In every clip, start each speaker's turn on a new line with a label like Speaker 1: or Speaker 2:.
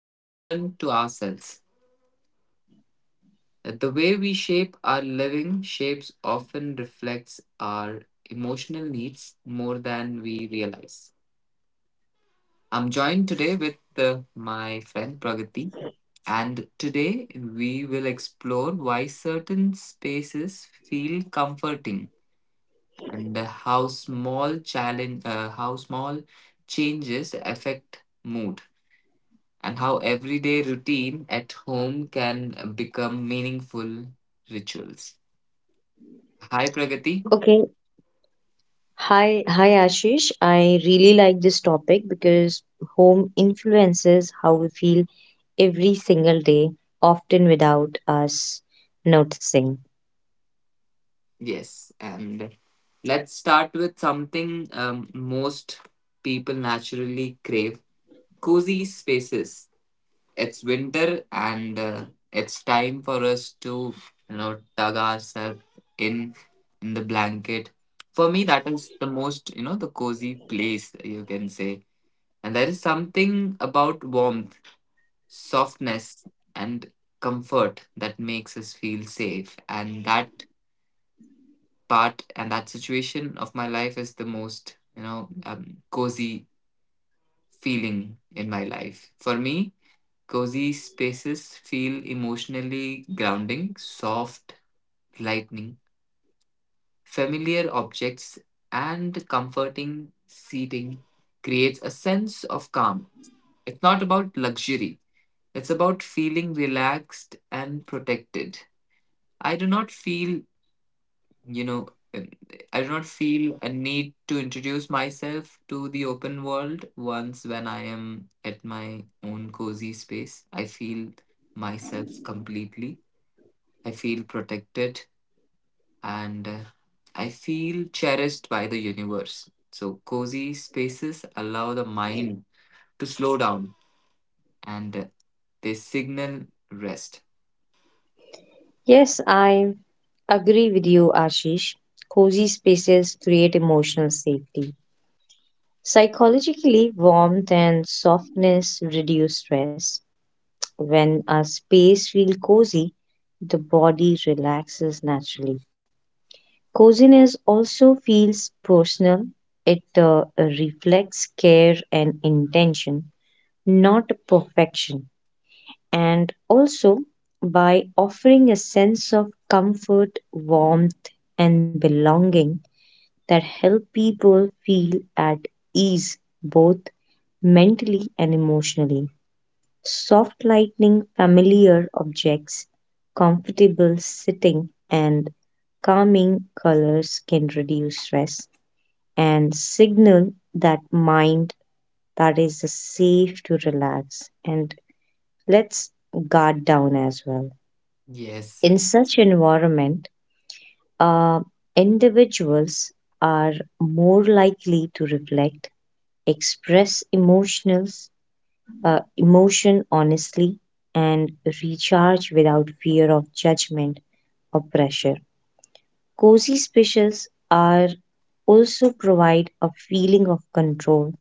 Speaker 1: and return to ourselves. The way we shape our living shapes often reflects our emotional needs more than we realize. I'm joined today with my friend Pragati, and today we will explore why certain spaces feel comforting and how small changes affect mood, and how everyday routine at home can become meaningful rituals. Hi, Pragati.
Speaker 2: Okay. Hi, Ashish. I really like this topic because home influences how we feel every single day, often without us noticing.
Speaker 1: Yes, and let's start with something most people naturally crave cozy spaces. It's winter and it's time for us to, you know, tug ourselves in in the blanket. For me, that is the most, you know, the cozy place you can say. And there is something about warmth, softness, and comfort that makes us feel safe, and that part and that situation of my life is the most cozy feeling in my life. For me, cozy spaces feel emotionally grounding. Soft lightning, familiar objects, and comforting seating creates a sense of calm. It's not about luxury, it's about feeling relaxed and protected. i do not feel you know um, I do not feel a need to introduce myself to the open world. Once when I am at my own cozy space, I feel myself completely. I feel protected and I feel cherished by the universe. So cozy spaces allow the mind to slow down and they signal rest.
Speaker 2: Yes, I agree with you, Ashish. Cozy spaces create emotional safety. Psychologically, warmth and softness reduce stress. When a space feels cozy, the body relaxes naturally. Coziness also feels personal. It reflects care and intention, not perfection. And also, by offering a sense of comfort, warmth, and belonging that help people feel at ease both mentally and emotionally. Soft lightening familiar objects, comfortable sitting, and calming colors can reduce stress and signal that mind that is safe to relax. And let's guard down as well.
Speaker 1: Yes.
Speaker 2: In such environment, uh, individuals are more likely to reflect, express emotions, uh, emotion honestly and recharge without fear of judgment or pressure. Cozy spaces are also provide a feeling of control,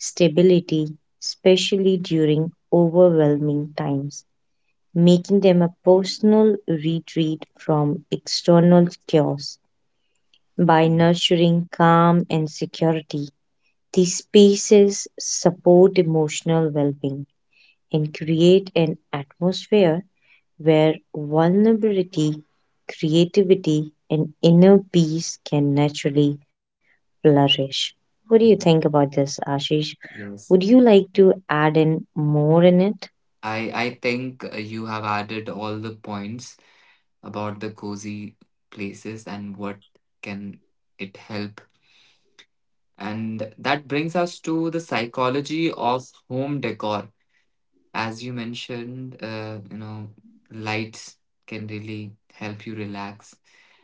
Speaker 2: stability, especially during overwhelming times, making them a personal retreat from external chaos. By nurturing calm and security, these spaces support emotional well being and create an atmosphere where vulnerability, creativity, and inner peace can naturally flourish. What do you think about this, Ashish? Would
Speaker 1: yes
Speaker 2: you like to add in more in it?
Speaker 1: i i think you have added all the points about the cozy places and what can it help. And that brings us to the psychology of home decor. As you mentioned, you know, lights can really help you relax.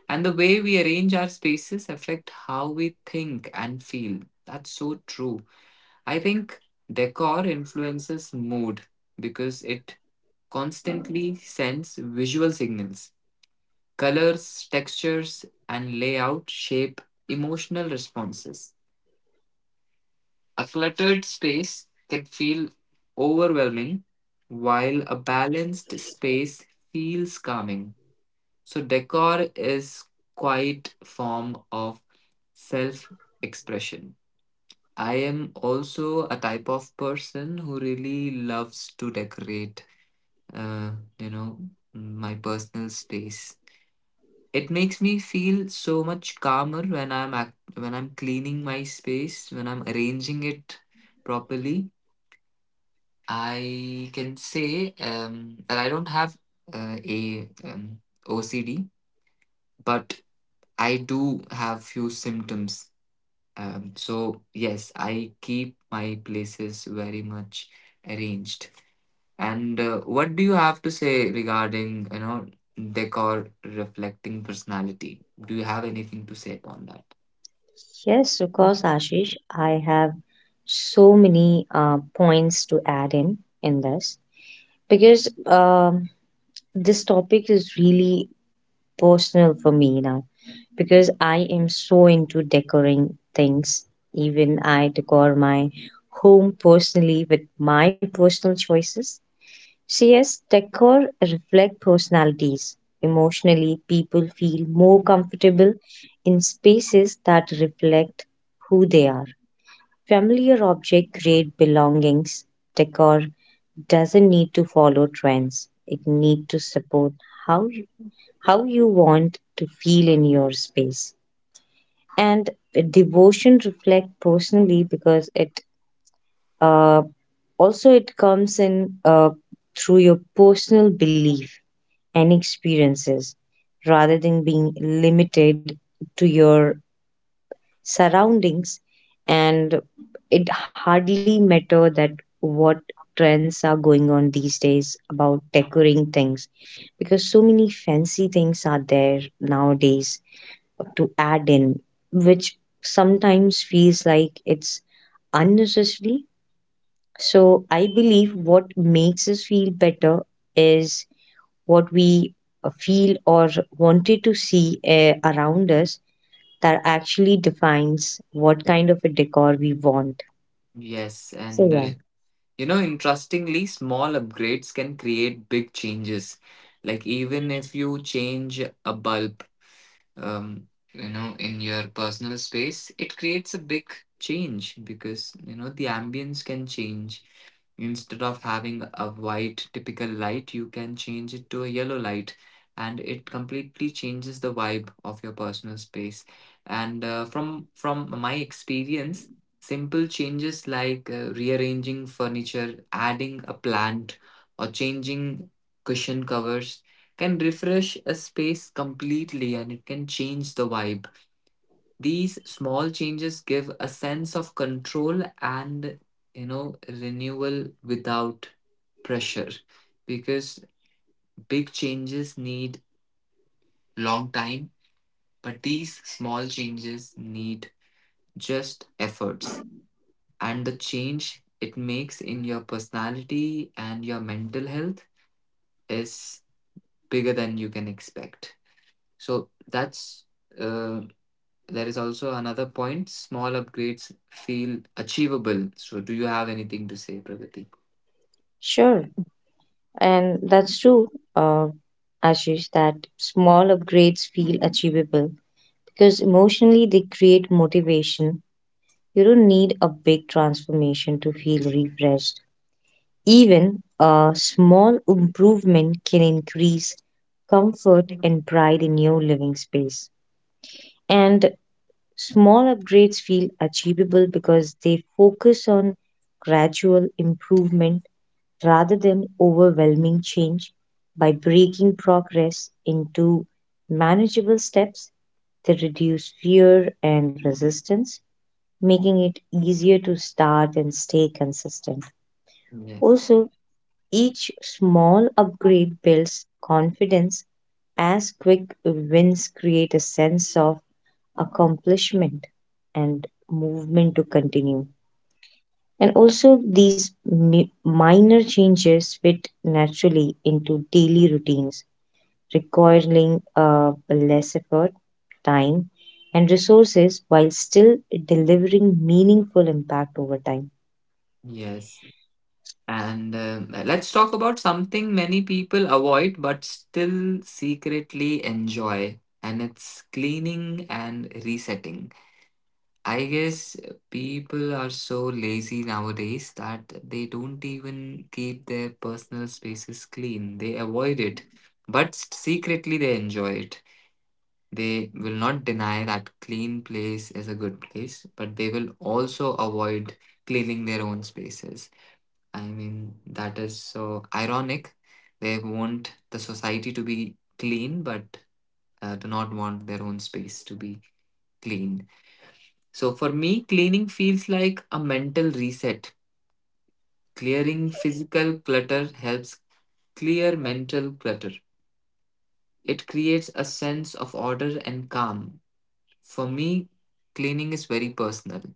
Speaker 1: And the way we arrange our spaces affect how we think and feel. That's so true. I think decor influences mood because it constantly sends visual signals. Colors, textures, and layout shape emotional responses. A cluttered space can feel overwhelming, while a balanced space feels calming. So, decor is quite form of self expression. I am also a type of person who really loves to decorate, uh, you know, my personal space. It makes me feel so much calmer when when I'm cleaning my space, when I'm arranging it properly. I can say that I don't have a OCD, but I do have few symptoms. So yes, I keep my places very much arranged. And what do you have to say regarding you know decor reflecting personality? Do you have anything to say upon that?
Speaker 2: Yes, of course, Ashish. I have so many points to add in this because this topic is really personal for me now because I am so into decorating things. Even I decor my home personally with my personal choices. So, yes, decor reflect personalities. Emotionally, people feel more comfortable in spaces that reflect who they are. Familiar objects create belongings. Decor doesn't need to follow trends. It need to support how how you want to feel in your space. And devotion reflect personally because it uh, also it comes in through your personal belief and experiences rather than being limited to your surroundings and it hardly matter that what trends are going on these days about decorating things because so many fancy things are there nowadays to add in, which sometimes feels like it's unnecessary. So I believe what makes us feel better is what we feel or wanted to see around us that actually defines what kind of a decor we want.
Speaker 1: Yes,
Speaker 2: So
Speaker 1: and
Speaker 2: yeah,
Speaker 1: You know, interestingly, small upgrades can create big changes. Like even if you change a bulb, um, you know, in your personal space, it creates a big change because, you know, the ambience can change. Instead of having a white typical light, you can change it to a yellow light, and it completely changes the vibe of your personal space. And from my experience, simple changes like rearranging furniture, adding a plant, or changing cushion covers can refresh a space completely, and it can change the vibe. These small changes give a sense of control and, you know, renewal without pressure, because big changes need long time, but these small changes need just efforts, and the change it makes in your personality and your mental health is bigger than you can expect. So that's uh, There is also another point: small upgrades feel achievable. So, do you have anything to say, Pragati?
Speaker 2: sure, and that's true, uh, Ashish. That small upgrades feel achievable because emotionally they create motivation. You don't need a big transformation to feel refreshed. Even a small improvement can increase comfort and pride in your living space. And small upgrades feel achievable because they focus on gradual improvement rather than overwhelming change. By breaking progress into manageable steps, they reduce fear and resistance making it easier to start and stay consistent.
Speaker 1: Yes.
Speaker 2: Also, each small upgrade builds confidence as quick wins create a sense of accomplishment and movement to continue. And also, these minor changes fit naturally into daily routines, requiring less effort, time, and resources while still delivering meaningful impact over time.
Speaker 1: Yes. And um, let's talk about something many people avoid but still secretly enjoy, and it's cleaning and resetting. I guess people are so lazy nowadays that they don't even keep their personal spaces clean. They avoid it, but secretly they enjoy it. They will not deny that clean place is a good place, but they will also avoid cleaning their own spaces. I mean, that is so ironic. They want the society to be clean, but do not want their own space to be clean. So for me, cleaning feels like a mental reset. Clearing physical clutter helps clear mental clutter. It creates a sense of order and calm. For me, cleaning is very personal.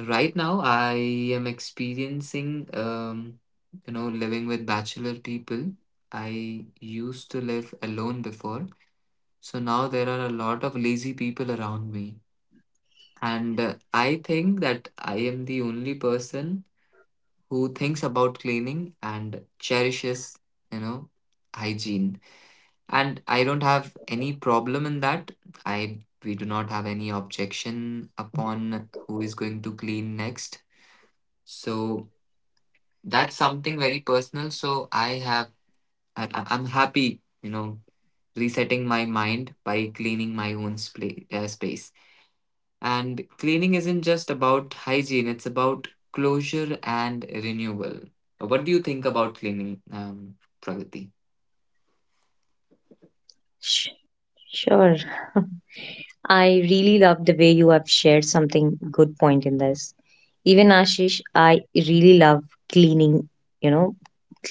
Speaker 1: Right now, I am experiencing, you know, living with bachelor people. I used to live alone before. So now there are a lot of lazy people around me. And I think that I am the only person who thinks about cleaning and cherishes, you know, hygiene. And I don't have any problem in that. I We do not have any objection upon who is going to clean next. So that's something very personal. So I have I- I'm happy, you know, resetting my mind by cleaning my own spa- space. And cleaning isn't just about hygiene, it's about closure and renewal. What do you think about cleaning, Pragati?
Speaker 2: Sh- Sure. I really love the way you have shared something good point in this. Even Ashish, I really love cleaning, you know, clear things and,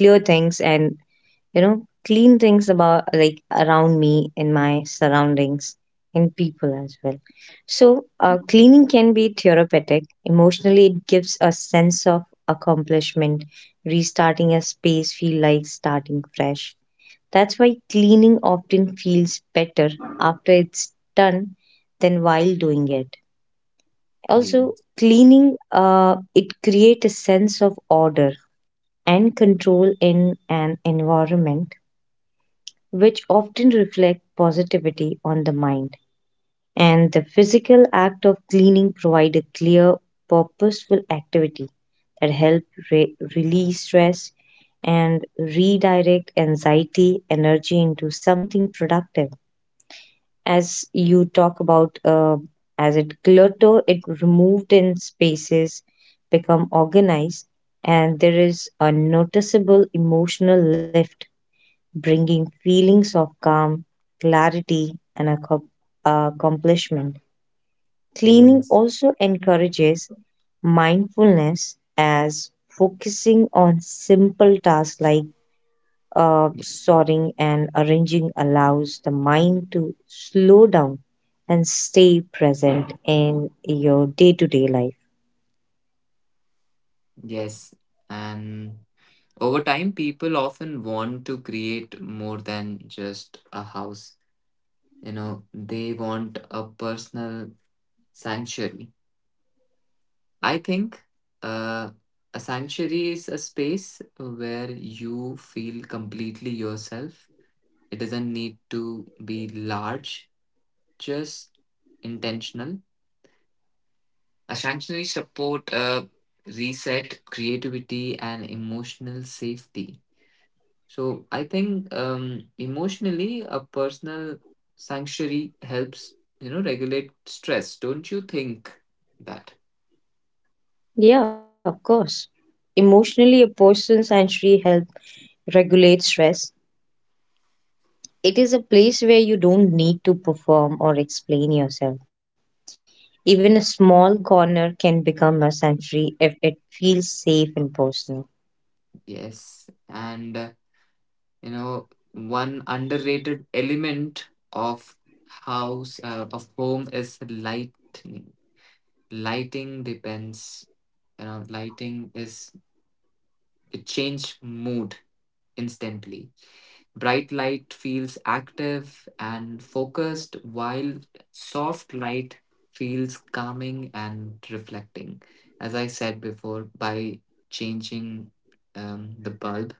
Speaker 2: you know, clean things about like around me in my surroundings and people as well. So, cleaning can be therapeutic. Emotionally, it gives a sense of accomplishment. Restarting a space feel like starting fresh. That's why cleaning often feels better after it's done than while doing it. Also,
Speaker 1: Yes.
Speaker 2: cleaning it creates a sense of order and control in an environment, which often reflect positivity on the mind. And the physical act of cleaning provide a clear, purposeful activity that help release stress and redirect anxiety energy into something productive as you talk about as it clutter it removed in spaces become organized and there is a noticeable emotional lift bringing feelings of calm, clarity, and accomplishment. Cleaning
Speaker 1: Yes.
Speaker 2: also encourages mindfulness as focusing on simple
Speaker 1: Y-
Speaker 2: tasks like soaring and arranging allows the mind to slow down and stay present in your day to day life.
Speaker 1: Yes. And over time, people often want to create more than just a house. You know, they want a personal sanctuary. I think uh, a sanctuary is a space where you feel completely yourself. It doesn't need to be large, just intentional. A sanctuary support reset, creativity, and emotional safety. So I think emotionally, a personal sanctuary helps, you know, regulate stress. Don't you think that?
Speaker 2: Yeah, of course. Emotionally, a person's sanctuary help regulate stress. It is a place where you don't need to perform or explain yourself. Even a small corner can become a sanctuary if it feels safe and personal.
Speaker 1: Yes, and You know, one underrated element of house of home is light. Lighting depends, you know, lighting is it change mood instantly. Bright light feels active and focused, while soft light feels calming and reflecting. As I said before, by changing the bulb,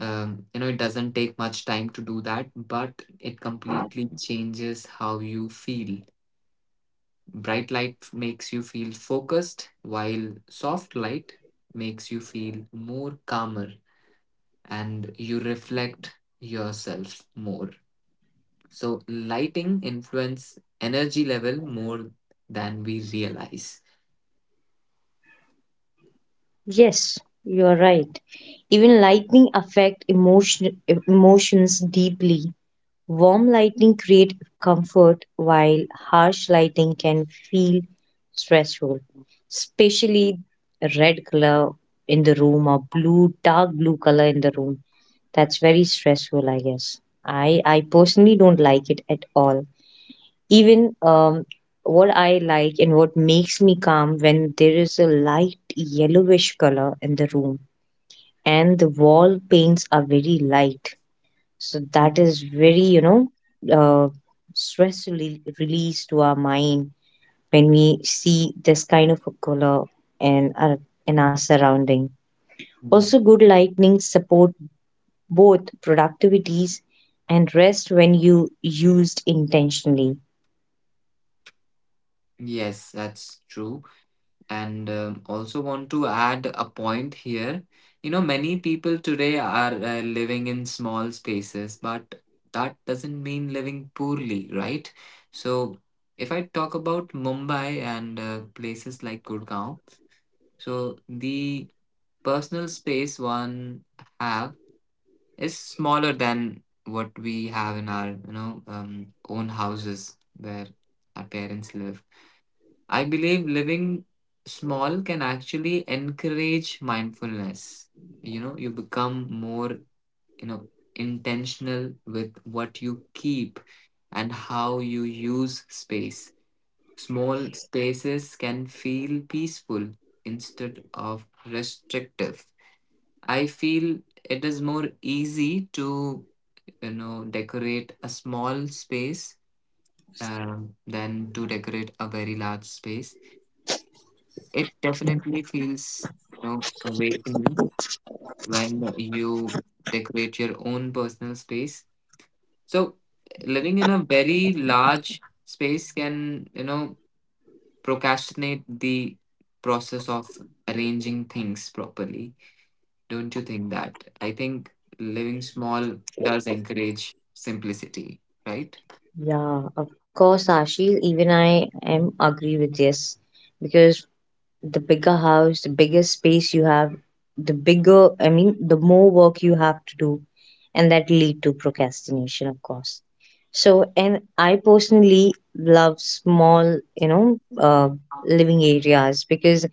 Speaker 1: you know, it doesn't take much time to do that, but it completely changes how you feel. Bright light makes you feel focused, while soft light makes you feel more calmer and you reflect yourself more. So, lighting influence energy level more than we realize.
Speaker 2: Yes, you're right. Even lightning affect emotions deeply. Warm lighting creates comfort, while harsh lighting can feel stressful, especially red color in the room or blue, dark blue color in the room. That's very stressful, I guess. I personally don't like it at all. Even what I like and what makes me calm when there is a light yellowish color in the room and the wall paints are very light so that is very, you know, uh, stress release to our mind when we see this kind of a color in our surrounding.
Speaker 1: Mm.
Speaker 2: Also, good lightning support both productivities and rest when you used intentionally.
Speaker 1: Yes, that's true. And Also, want to add a point here. You know, many people today are living in small spaces, but that doesn't mean living poorly, right? So if I talk about Mumbai and places like Gurgaon, so the personal space one have is smaller than what we have in our, you know, own houses where our parents live. I believe living small can actually encourage mindfulness. You know, you become more, you know, intentional with what you keep and how you use space. Small spaces can feel peaceful instead of restrictive. I feel it is more easy to, you know, decorate a small space than to decorate a very large space. It definitely feels, you know, awakening when you decorate your own personal space. So living in a very large space can, you know, procrastinate the process of arranging things properly. Don't you think that? I think living small does encourage simplicity, right?
Speaker 2: Yeah, of course, Ashil. Even I am agree with this because the bigger house, the bigger space you have, the bigger, I mean, the more work you have to do, and that lead to procrastination, of course. So, and I personally love small, you know, living areas because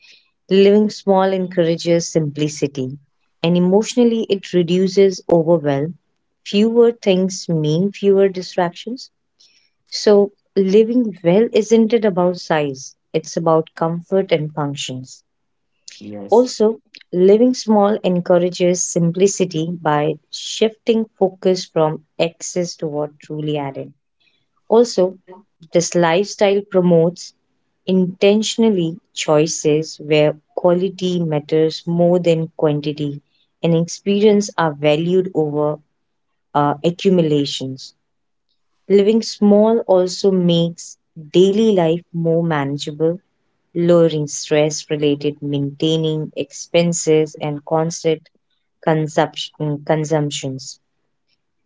Speaker 2: living small encourages simplicity, and emotionally it reduces overwhelm. Fewer things mean fewer distractions. So, living well isn't it about size? It's about comfort and functions.
Speaker 1: Yes.
Speaker 2: Also, living small encourages simplicity by shifting focus from excess to what truly added. Also, this lifestyle promotes intentionally choices where quality matters more than quantity and experience are valued over accumulations. Living small also makes daily life more manageable, lowering stress related maintaining expenses and constant consumptions.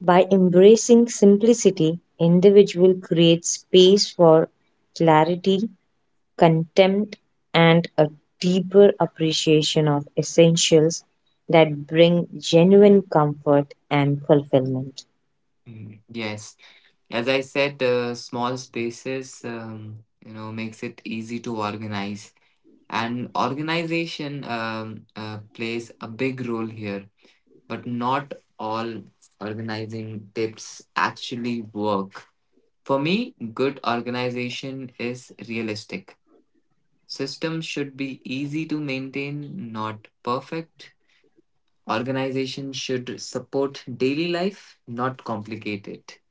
Speaker 2: By embracing simplicity, individual creates space for clarity, contempt, and a deeper appreciation of essentials that bring genuine comfort and fulfillment.
Speaker 1: Mm. Yes, as I said, small spaces, you know, makes it easy to organize. And organization plays a big role here, but not all organizing tips actually work. For me, good organization is realistic. Systems should be easy to maintain, not perfect. Organization should support daily life, not complicate it.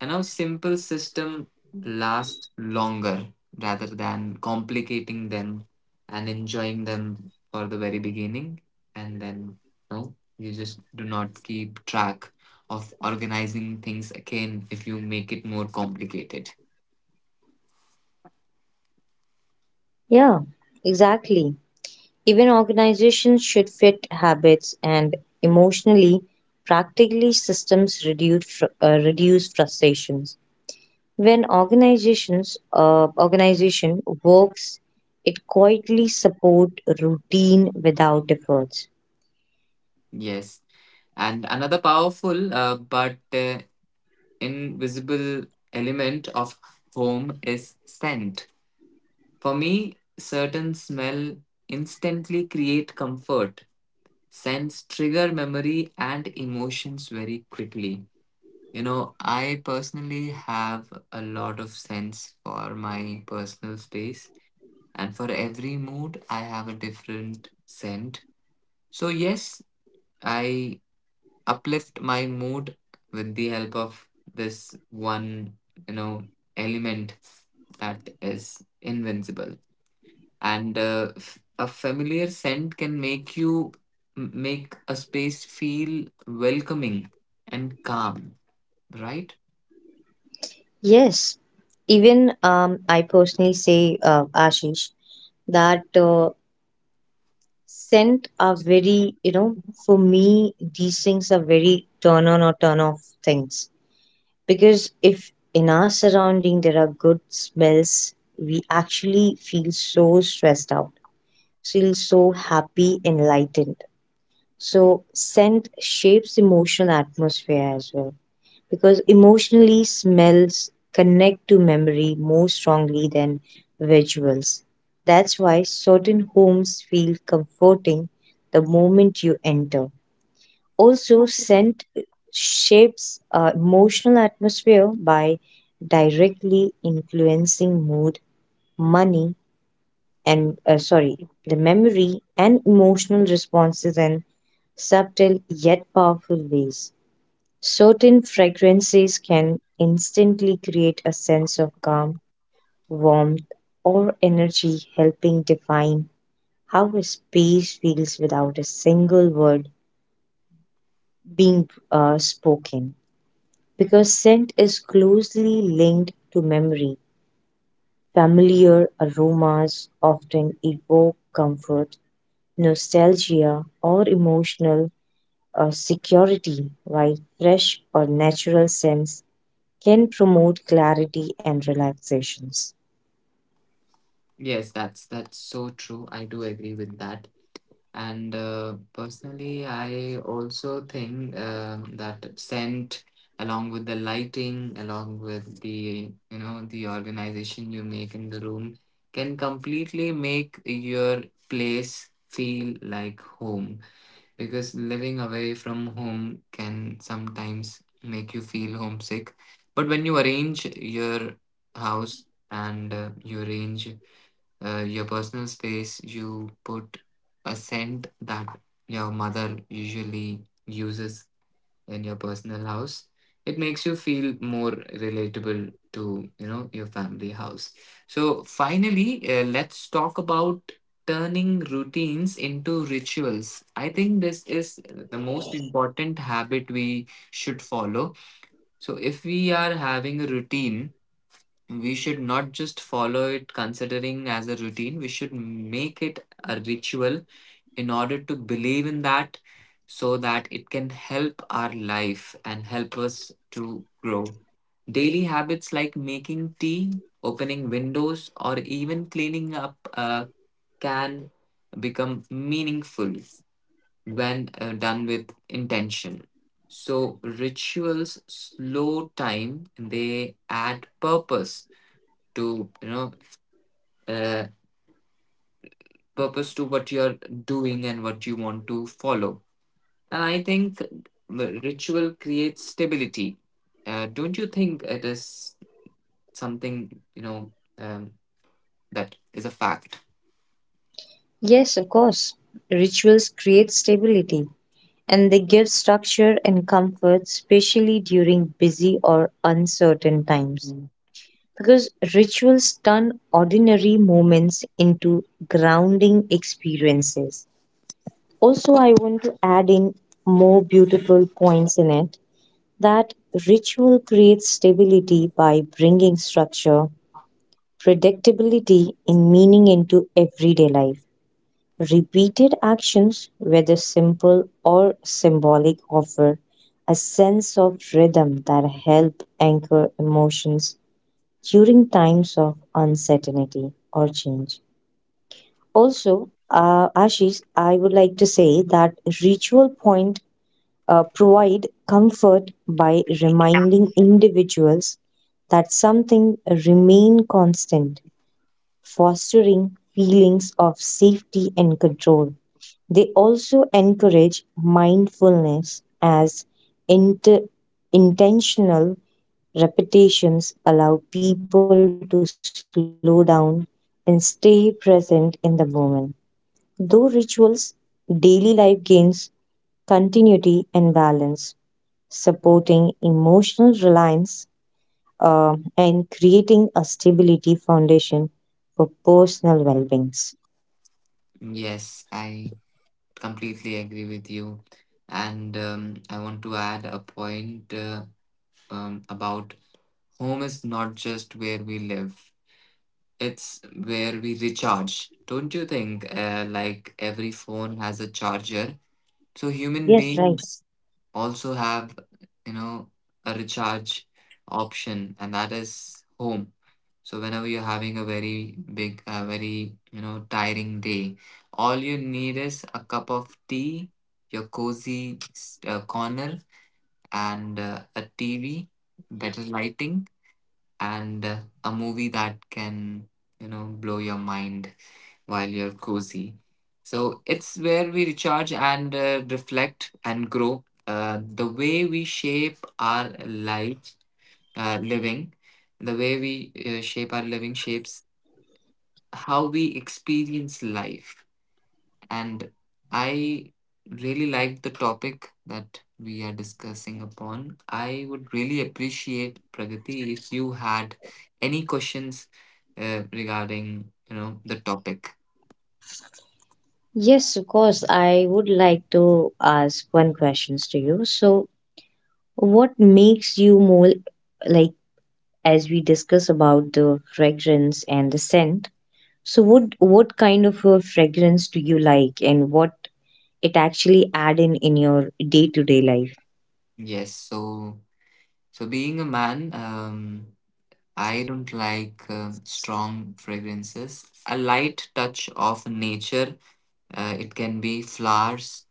Speaker 1: And our simple system last longer rather than complicating them and enjoying them for the very beginning. And then, no, you just do not keep track of organizing things again if you make it more complicated.
Speaker 2: Yeah, exactly. Even organizations should fit habits and emotionally practically systems reduce, reduce frustrations. When organization works, it quietly support routine without efforts.
Speaker 1: Yes. And another powerful but invisible element of home is scent. For me, certain smell instantly create comfort. Sense trigger memory and emotions very quickly. You know, I personally have a lot of sense for my personal space, and for every mood, I have a different scent. So, yes, I uplift my mood with the help of this one, you know, element that is invincible. And a familiar scent can make a space feel welcoming and calm, right?
Speaker 2: Yes, even I personally say, Ashish, that scent are very, you know, for me, these things are very turn on or turn off things. Because if in our surrounding there are good smells, we actually feel so stressed out, feel so happy, enlightened. So scent shapes emotional atmosphere as well. Because emotionally smells connect to memory more strongly than visuals. That's why certain homes feel comforting the moment you enter. Also, scent shapes emotional atmosphere by directly influencing mood, money, and sorry, the memory and emotional responses in subtle yet powerful ways. Certain fragrances can instantly create a sense of calm, warmth, or energy, helping define how a space feels without a single word being spoken. Because scent is closely linked to memory. Familiar aromas often evoke comfort, nostalgia, or emotional security, while fresh or natural scents can promote clarity and relaxations.
Speaker 1: Yes, that's so true, I do agree with that. And personally, I also think that scent, along with the lighting, along with the, you know, the organization you make in the room, can completely make your place feel like home, because living away from home can sometimes make you feel homesick. But when you arrange your house and you arrange your personal space, you put a scent that your mother usually uses in your personal house, it makes you feel more relatable to, you know, your family house. So finally, let's talk about turning routines into rituals. I think this is the most important habit we should follow. So if we are having a routine, we should not just follow it considering as a routine. We should make it a ritual in order to believe in that, so that it can help our life and help us to grow. Daily habits like making tea, opening windows, or even cleaning up can become meaningful when done with intention. So, rituals slow time, they add purpose to, uh, purpose to what you're doing and what you want to follow. And I think the ritual creates stability. Don't you think it is something, you know, um, that is a fact?
Speaker 2: Yes, of course, rituals create stability and they give structure and comfort, especially during busy or uncertain times.
Speaker 1: Mhm.
Speaker 2: Because rituals turn ordinary moments into grounding experiences. Also, I want to add in more beautiful points in it that ritual creates stability by bringing structure, predictability in meaning into everyday life. Repeated actions, whether simple or symbolic, offer a sense of rhythm that help anchor emotions during times of uncertainty or change. Also, Ashish, I would like to say that ritual point provide comfort by reminding individuals that something remain constant, fostering feelings of safety and control. They also encourage mindfulness as inter- intentional Repetitions allow people to slow down and stay present in the moment. Through rituals, daily life gains continuity and balance, supporting emotional reliance and creating a stability foundation for personal well being.
Speaker 1: Yes, I completely agree with you. And I want to add a point about home is not just where we live, it's where we recharge. Don't you think? Like every phone has a charger. So human
Speaker 2: Yes, right.
Speaker 1: beings also have, you know, a recharge option, and that is home. So whenever you're having a very big, a very, you know, tiring day, all you need is a cup of tea, your corner, and a TV, better lighting, and a movie that can, you know, blow your mind while you're cozy. So it's where we recharge and reflect and grow. The way we shape our life, living, the way we shape our living shapes how we experience life. And I really like the topic that we are discussing upon. I would really appreciate, Pragati, if you had any questions regarding, you know, the topic.
Speaker 2: Yes, of course. I would like to ask one questions to you. So, what makes you more like as we discuss about the fragrance and the scent. So what kind of a fragrance do you like and what it actually add in your day-to-day life?
Speaker 1: Yes, so. So, being a man, I don't like strong fragrances. A light touch of nature, it can be flowers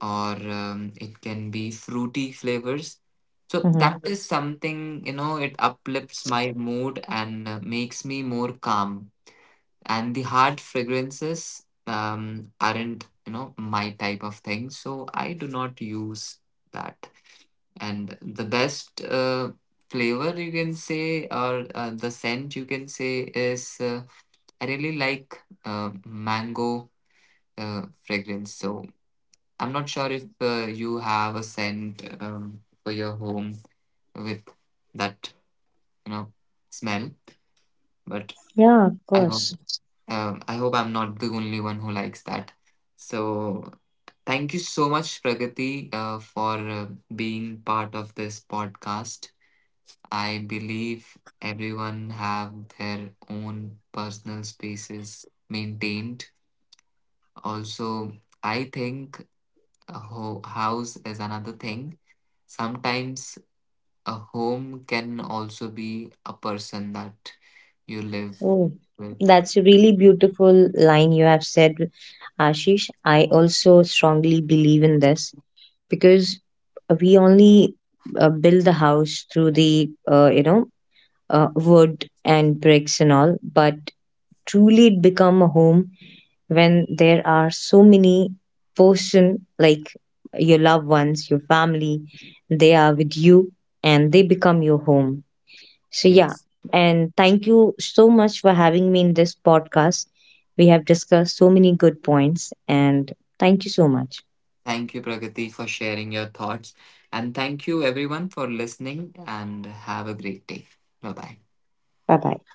Speaker 1: or it can be fruity flavors. So,
Speaker 2: Mm-hmm.
Speaker 1: that is something, you know, it uplifts my mood and makes me more calm. And the hard fragrances aren't, you know, my type of thing. So, I do not use that. And the best flavor you can say, or the scent you can say, is I really like mango fragrance. So I'm not sure if you have a scent for your home with that, you know, smell, but
Speaker 2: Yeah, of
Speaker 1: I hope
Speaker 2: course.
Speaker 1: I hope I'm not the only one who likes that. So thank you so much, Pragati, for being part of this podcast. I believe everyone have their own personal spaces maintained. Also, I think house is another thing. Sometimes a home can also be a person that you live
Speaker 2: Oh,
Speaker 1: with.
Speaker 2: that's a really beautiful line you have said, Ashish. I also strongly believe in this because we only build the house through the you know wood and bricks and all, but truly it become a home when there are so many person like your loved ones, your family, they are with you and they become your home. So yeah,
Speaker 1: Yes.
Speaker 2: and thank you so much for having me in this podcast. We have discussed so many good points and thank you so much.
Speaker 1: Thank you, Pragati, for sharing your thoughts. And thank you, everyone, for listening and have a great day. Bye bye.
Speaker 2: Bye bye.